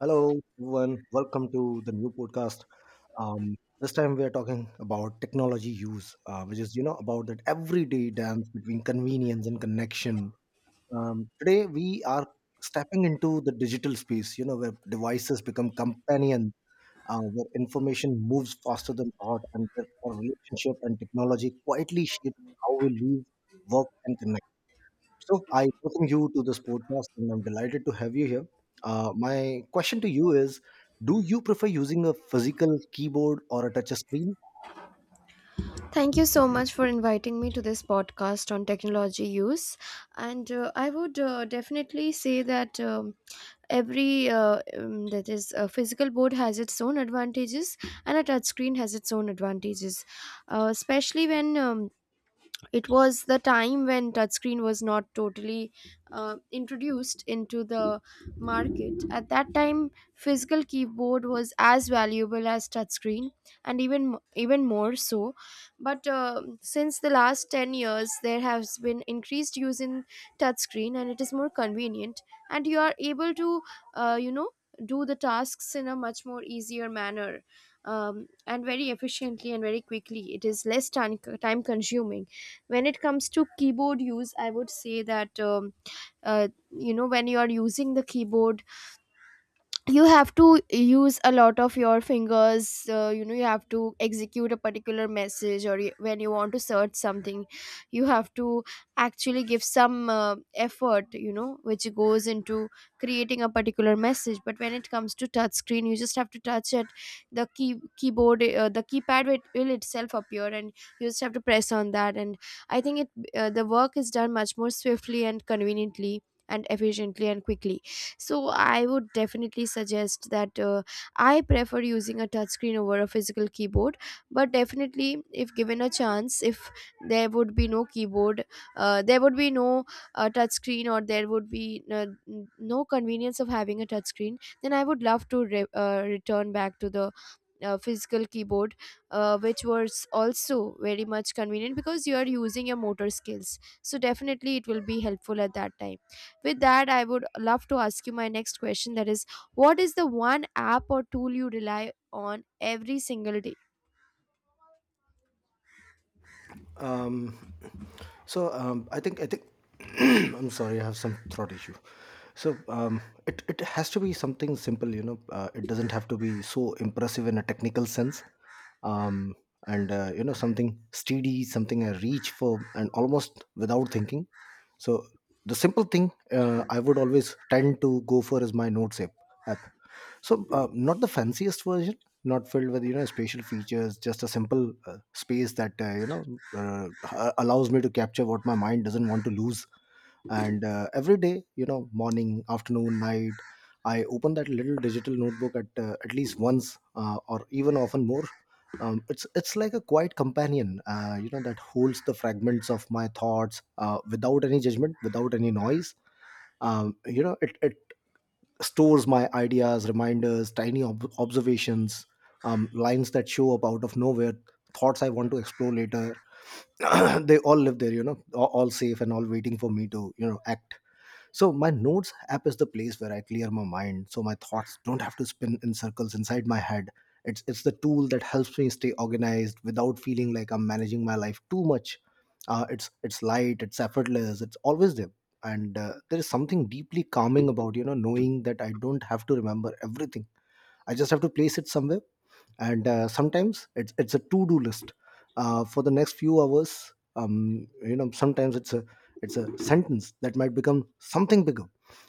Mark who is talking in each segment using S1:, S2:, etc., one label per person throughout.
S1: Hello, everyone. Welcome to the new podcast. This time we are talking about technology use, which is about that everyday dance between convenience and connection. Today we are stepping into the digital space, you know, where devices become companions, where information moves faster than thought, and where our relationship and technology quietly shape how we live, work, and connect. So I welcome you to this podcast, and I'm delighted to have you here. My question to you is: Do you prefer using a physical keyboard or a touch screen?
S2: Thank you so much for inviting me to this podcast on technology use. And I would definitely say that every that is a physical board has its own advantages, and a touchscreen has its own advantages, especially when it was the time when touchscreen was not totally introduced into the market. At that time physical keyboard was as valuable as touchscreen, and even more so. But since the last 10 years there has been increased use in touchscreen, and it is more convenient, and you are able to uh, you know do the tasks in a much more easier manner and very efficiently and very quickly. It is less time consuming. When it comes to keyboard use, I would say that uh, when you are using the keyboard, you have to use a lot of your fingers. You have to execute a particular message, or you, when you want to search something, you have to actually give some effort, which goes into creating a particular message. But when it comes to touch screen, you just have to touch it. The key keyboard the keypad, it will itself appear, and you just have to press on that. And I think it the work is done much more swiftly and conveniently and efficiently and quickly. So I would definitely suggest that I prefer using a touchscreen over a physical keyboard. But definitely if given a chance, if there would be no keyboard, there would be no touchscreen, or there would be no convenience of having a touchscreen, then I would love to return back to the physical keyboard, which was also very much convenient, because you are using your motor skills, so definitely it will be helpful at that time. With that, I would love to ask you my next question, that is, what is the one app or tool you rely on every single day?
S1: Um, So I think I'm sorry, I have some throat issue. So it has to be something simple, you know. It doesn't have to be so impressive in a technical sense, um, and something steady, something I reach for, and almost without thinking. So the simple thing I would always tend to go for is my notes app. So, not the fanciest version, not filled with special features, just a simple space that allows me to capture what my mind doesn't want to lose. And every day, you know, morning, afternoon, night, I open that little digital notebook at least once, or even often more. It's like a quiet companion, you know, that holds the fragments of my thoughts without any judgment, without any noise. It stores my ideas, reminders, tiny observations, lines that show up out of nowhere, thoughts I want to explore later. They all live there, you know, all safe and all waiting for me to, you know, act. So my notes app is the place where I clear my mind so my thoughts don't have to spin in circles inside my head. It's the tool that helps me stay organized without feeling like I'm managing my life too much. It's light, it's effortless, it's always there. And there is something deeply calming about knowing that I don't have to remember everything. I just have to place it somewhere, and sometimes it's a to-do list for the next few hours. Sometimes it's a sentence that might become something bigger.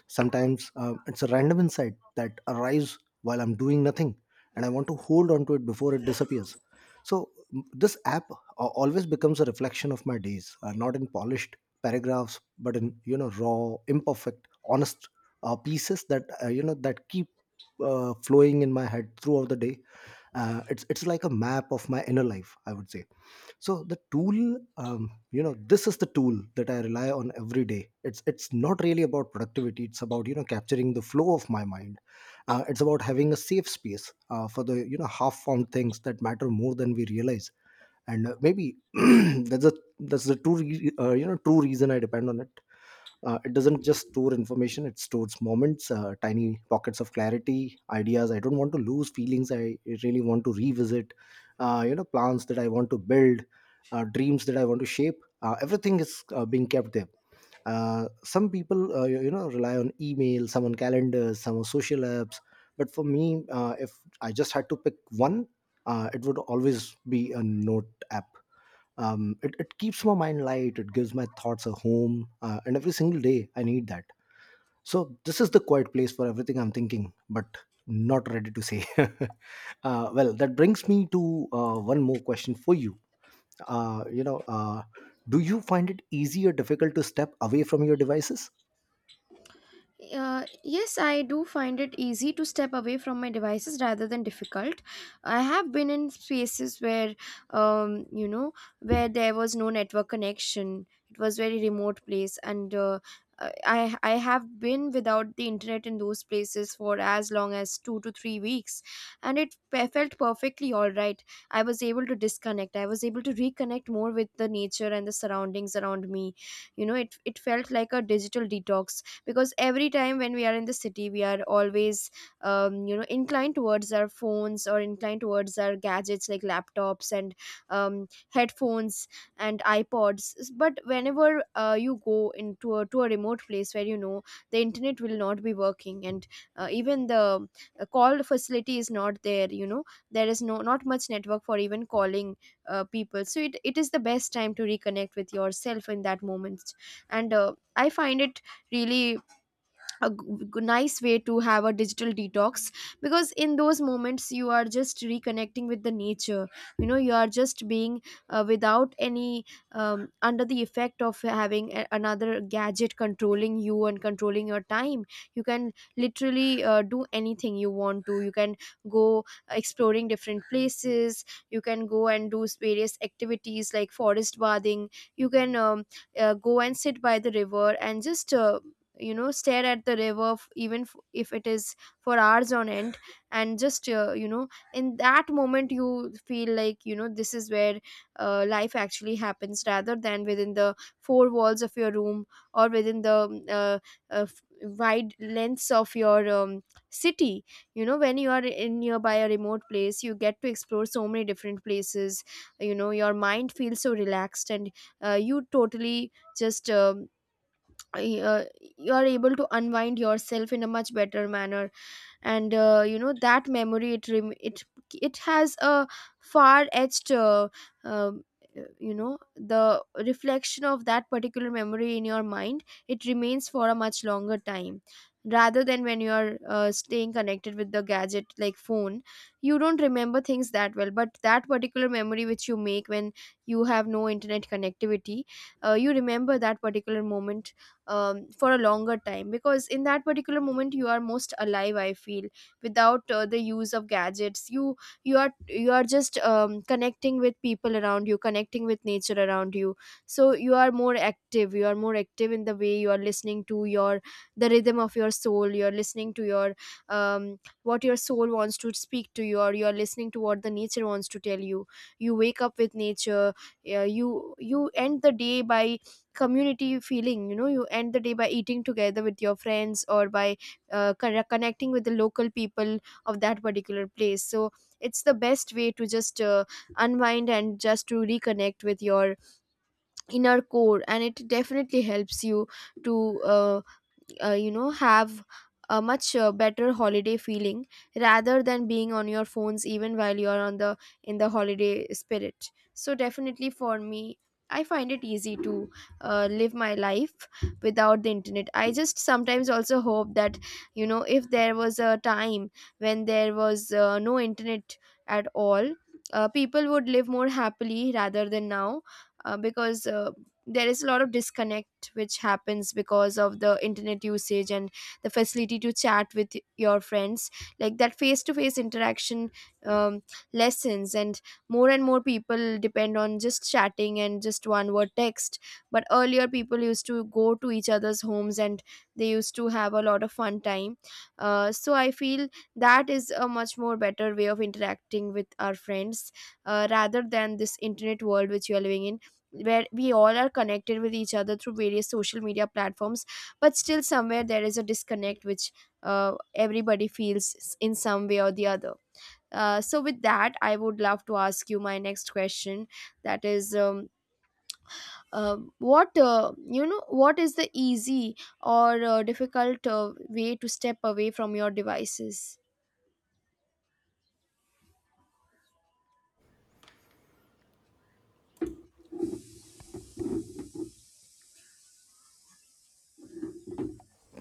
S1: Sometimes it's a random insight that arrives while I'm doing nothing and I want to hold on to it before it disappears. So this app always becomes a reflection of my days, not in polished paragraphs but in raw, imperfect, honest pieces that that keep flowing in my head throughout the day. It's like a map of my inner life, I would say. So the tool, this is the tool that I rely on every day. It's not really about productivity, it's about capturing the flow of my mind. It's about having a safe space for the half formed things that matter more than we realize. And maybe that's a that's the true reason I depend on it. It doesn't just store information; it stores moments, tiny pockets of clarity, ideas. I don't want to lose feelings. I really want to revisit, plans that I want to build, dreams that I want to shape. Everything is being kept there. Some people, rely on email, some on calendars, some on social apps. But for me, if I just had to pick one, it would always be a note app. It keeps my mind light, it gives my thoughts a home. And every single day I need that. So this is the quiet place for everything I'm thinking but not ready to say. Well, that brings me to one more question for you. You know Do you find it easy or difficult to step away from your devices?
S2: Yes, I do find it easy to step away from my devices rather than difficult. I have been in spaces where, um, you know, where there was no network connection. It was very remote place, and I have been without the internet in those places for as long as 2 to 3 weeks, and it felt perfectly all right. I was able to disconnect. I was able to reconnect more with the nature and the surroundings around me. You know, it felt like a digital detox, because every time when we are in the city we are always inclined towards our phones, or inclined towards our gadgets like laptops and headphones and ipods. But whenever you go into to a remote place where you know the internet will not be working, and even the call facility is not there, you know, there is not much network for even calling people, so it is the best time to reconnect with yourself in that moment. And I find it really a nice way to have a digital detox, because in those moments you are just reconnecting with the nature. You know, you are just being without any under the effect of having another gadget controlling you and controlling your time. You can literally do anything you want to. You can go exploring different places. You can go and do various activities like forest bathing. You can go and sit by the river and just stare at the river, even if it is for hours on end. And just in that moment you feel like, you know, this is where life actually happens, rather than within the four walls of your room, or within the wide lengths of your city. You know, when you are in nearby a remote place, you get to explore so many different places. You know, your mind feels so relaxed, and you totally just uh, you are able to unwind yourself in a much better manner. And that memory, it it has a far etched um, the reflection of that particular memory in your mind, it remains for a much longer time rather than when you are staying connected with the gadget like phone. You don't remember things that well, but that particular memory which you make when you have no internet connectivity, you remember that particular moment for a longer time, because in that particular moment you are most alive, I feel. Without the use of gadgets, you are just connecting with people around you, connecting with nature around you. So you are more active. You are more active in the way you are listening to your the rhythm of your soul. You are listening to your what your soul wants to speak to you, or you are listening to what the nature wants to tell you. You wake up with nature, yeah, you end the day by community feeling. You know, you end the day by eating together with your friends, or by connecting with the local people of that particular place. So it's the best way to just unwind and just to reconnect with your inner core. And it definitely helps you to have a much better holiday feeling rather than being on your phones even while you are on the in the holiday spirit. So definitely for me, I find it easy to live my life without the internet. I just sometimes also hope that, you know, if there was a time when there was no internet at all, people would live more happily rather than now. Because there is a lot of disconnect which happens because of the internet usage, and the facility to chat with your friends, like that face to face interaction um, lessens, and more people depend on just chatting and just one word text. But earlier people used to go to each other's homes and they used to have a lot of fun time. So I feel that is a much more better way of interacting with our friends, rather than this internet world which we are living in, where we all are connected with each other through various social media platforms, but still somewhere there is a disconnect which everybody feels in some way or the other. So with that I would love to ask you my next question, that is, what, what is the easy or difficult way to step away from your devices?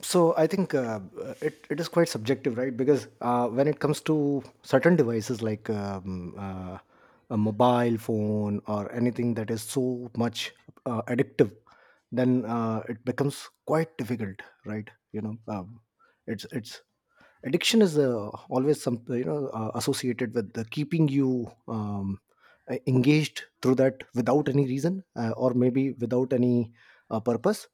S1: So I think it is quite subjective, right? Because when it comes to certain devices like a mobile phone or anything that is so much addictive, then it becomes quite difficult, right? You know um, it's it's addiction is always some associated with the keeping you engaged through that without any reason, or maybe without any purpose.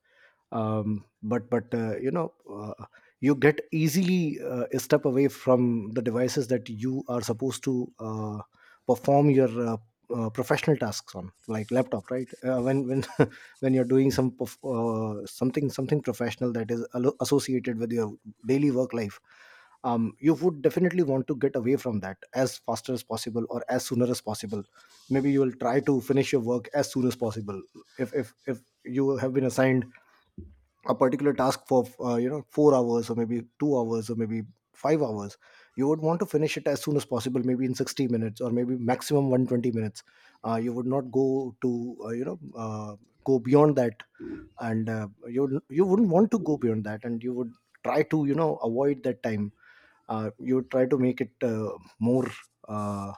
S1: But you get easily a step away from the devices that you are supposed to perform your professional tasks on, like laptop, right? When when you're doing something professional that is associated with your daily work life. You would definitely want to get away from that as faster as possible or as sooner as possible. Maybe you will try to finish your work as soon as possible. If you have been assigned a particular task for 4 hours or maybe 2 hours or maybe 5 hours, you would want to finish it as soon as possible, maybe in 60 minutes or maybe maximum 120 minutes. You would not go to uh, you know uh, go beyond that. And you wouldn't want to go beyond that, and you would try to avoid that time. You would try to make it more uh,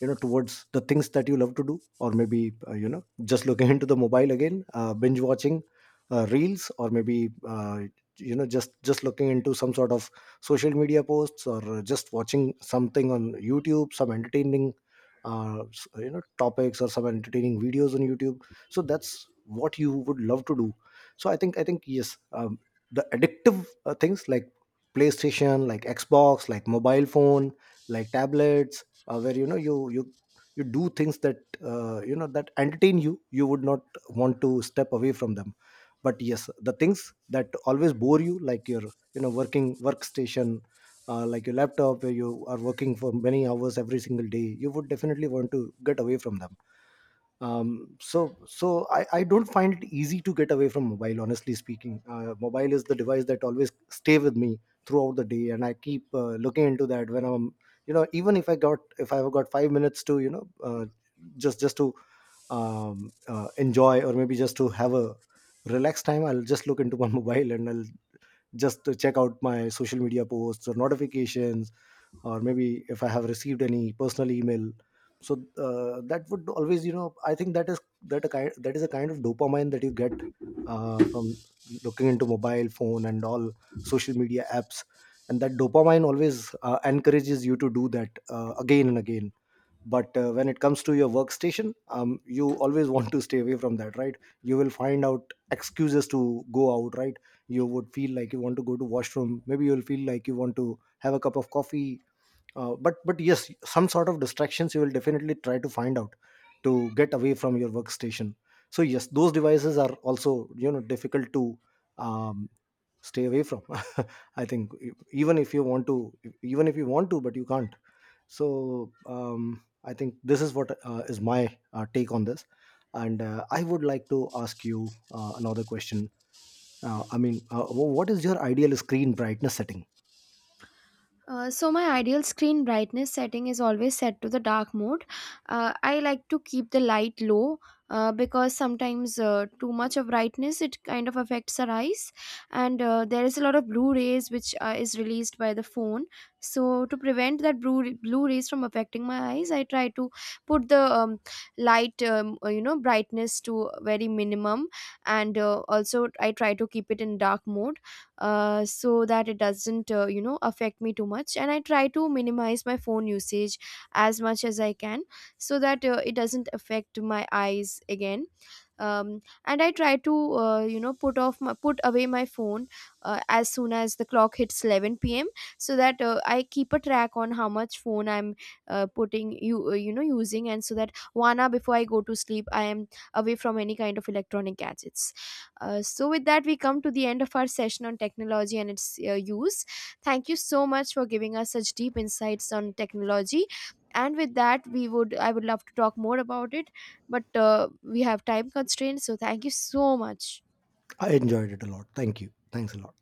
S1: towards the things that you love to do, or maybe just looking into the mobile again, binge watching reels, or maybe just looking into some sort of social media posts, or just watching something on youtube, some entertaining topics or some entertaining videos on youtube. So that's what you would love to do. So I think yes, the addictive things like playstation, like xbox, like mobile phone, like tablets, where you know, you do things that that entertain you, you would not want to step away from them. But yes, the things that always bore you like your working workstation, like your laptop, where you are working for many hours every single day, you would definitely want to get away from them. So I don't find it easy to get away from mobile, honestly speaking. Mobile is the device that always stay with me throughout the day, and I keep looking into that when I'm even if I got if I've got 5 minutes to you know just to enjoy, or maybe just to have a relaxed time, I'll just look into my mobile, and I'll just to check out my social media posts or notifications, or maybe if I have received any personal email. So that would always I think that is that a kind that is a kind of dopamine that you get from looking into mobile phone and all social media apps. And that dopamine always encourages you to do that again and again. But when it comes to your workstation, you always want to stay away from that, right? You will find out excuses to go out, right? You would feel like you want to go to washroom, maybe you'll feel like you want to have a cup of coffee. But yes, some sort of distractions you will definitely try to find out to get away from your workstation. So yes, those devices are also difficult to um, stay away from. I think even if you want to, but you can't. So I think this is what is my take on this. And I would like to ask you another question. What is your ideal screen brightness setting?
S2: So my ideal screen brightness setting is always set to the dark mode. I like to keep the light low, because sometimes too much of brightness, it kind of affects our eyes, and there is a lot of blue rays which is released by the phone. So to prevent that blue rays from affecting my eyes, I try to put the light brightness to very minimum, and also I try to keep it in dark mode, so that it doesn't affect me too much. And I try to minimize my phone usage as much as I can, so that it doesn't affect my eyes again. And I try to put off put away my phone as soon as the clock hits 11 p.m., so that I keep a track on how much phone I'm putting you you know using, and so that 1 hour before I go to sleep I am away from any kind of electronic gadgets. So with that we come to the end of our session on technology and its use. Thank you so much for giving us such deep insights on technology. And with that we would I would love to talk more about it, but we have time constraints, so thank you so much.
S1: I enjoyed it a lot. Thank you. Thanks a lot.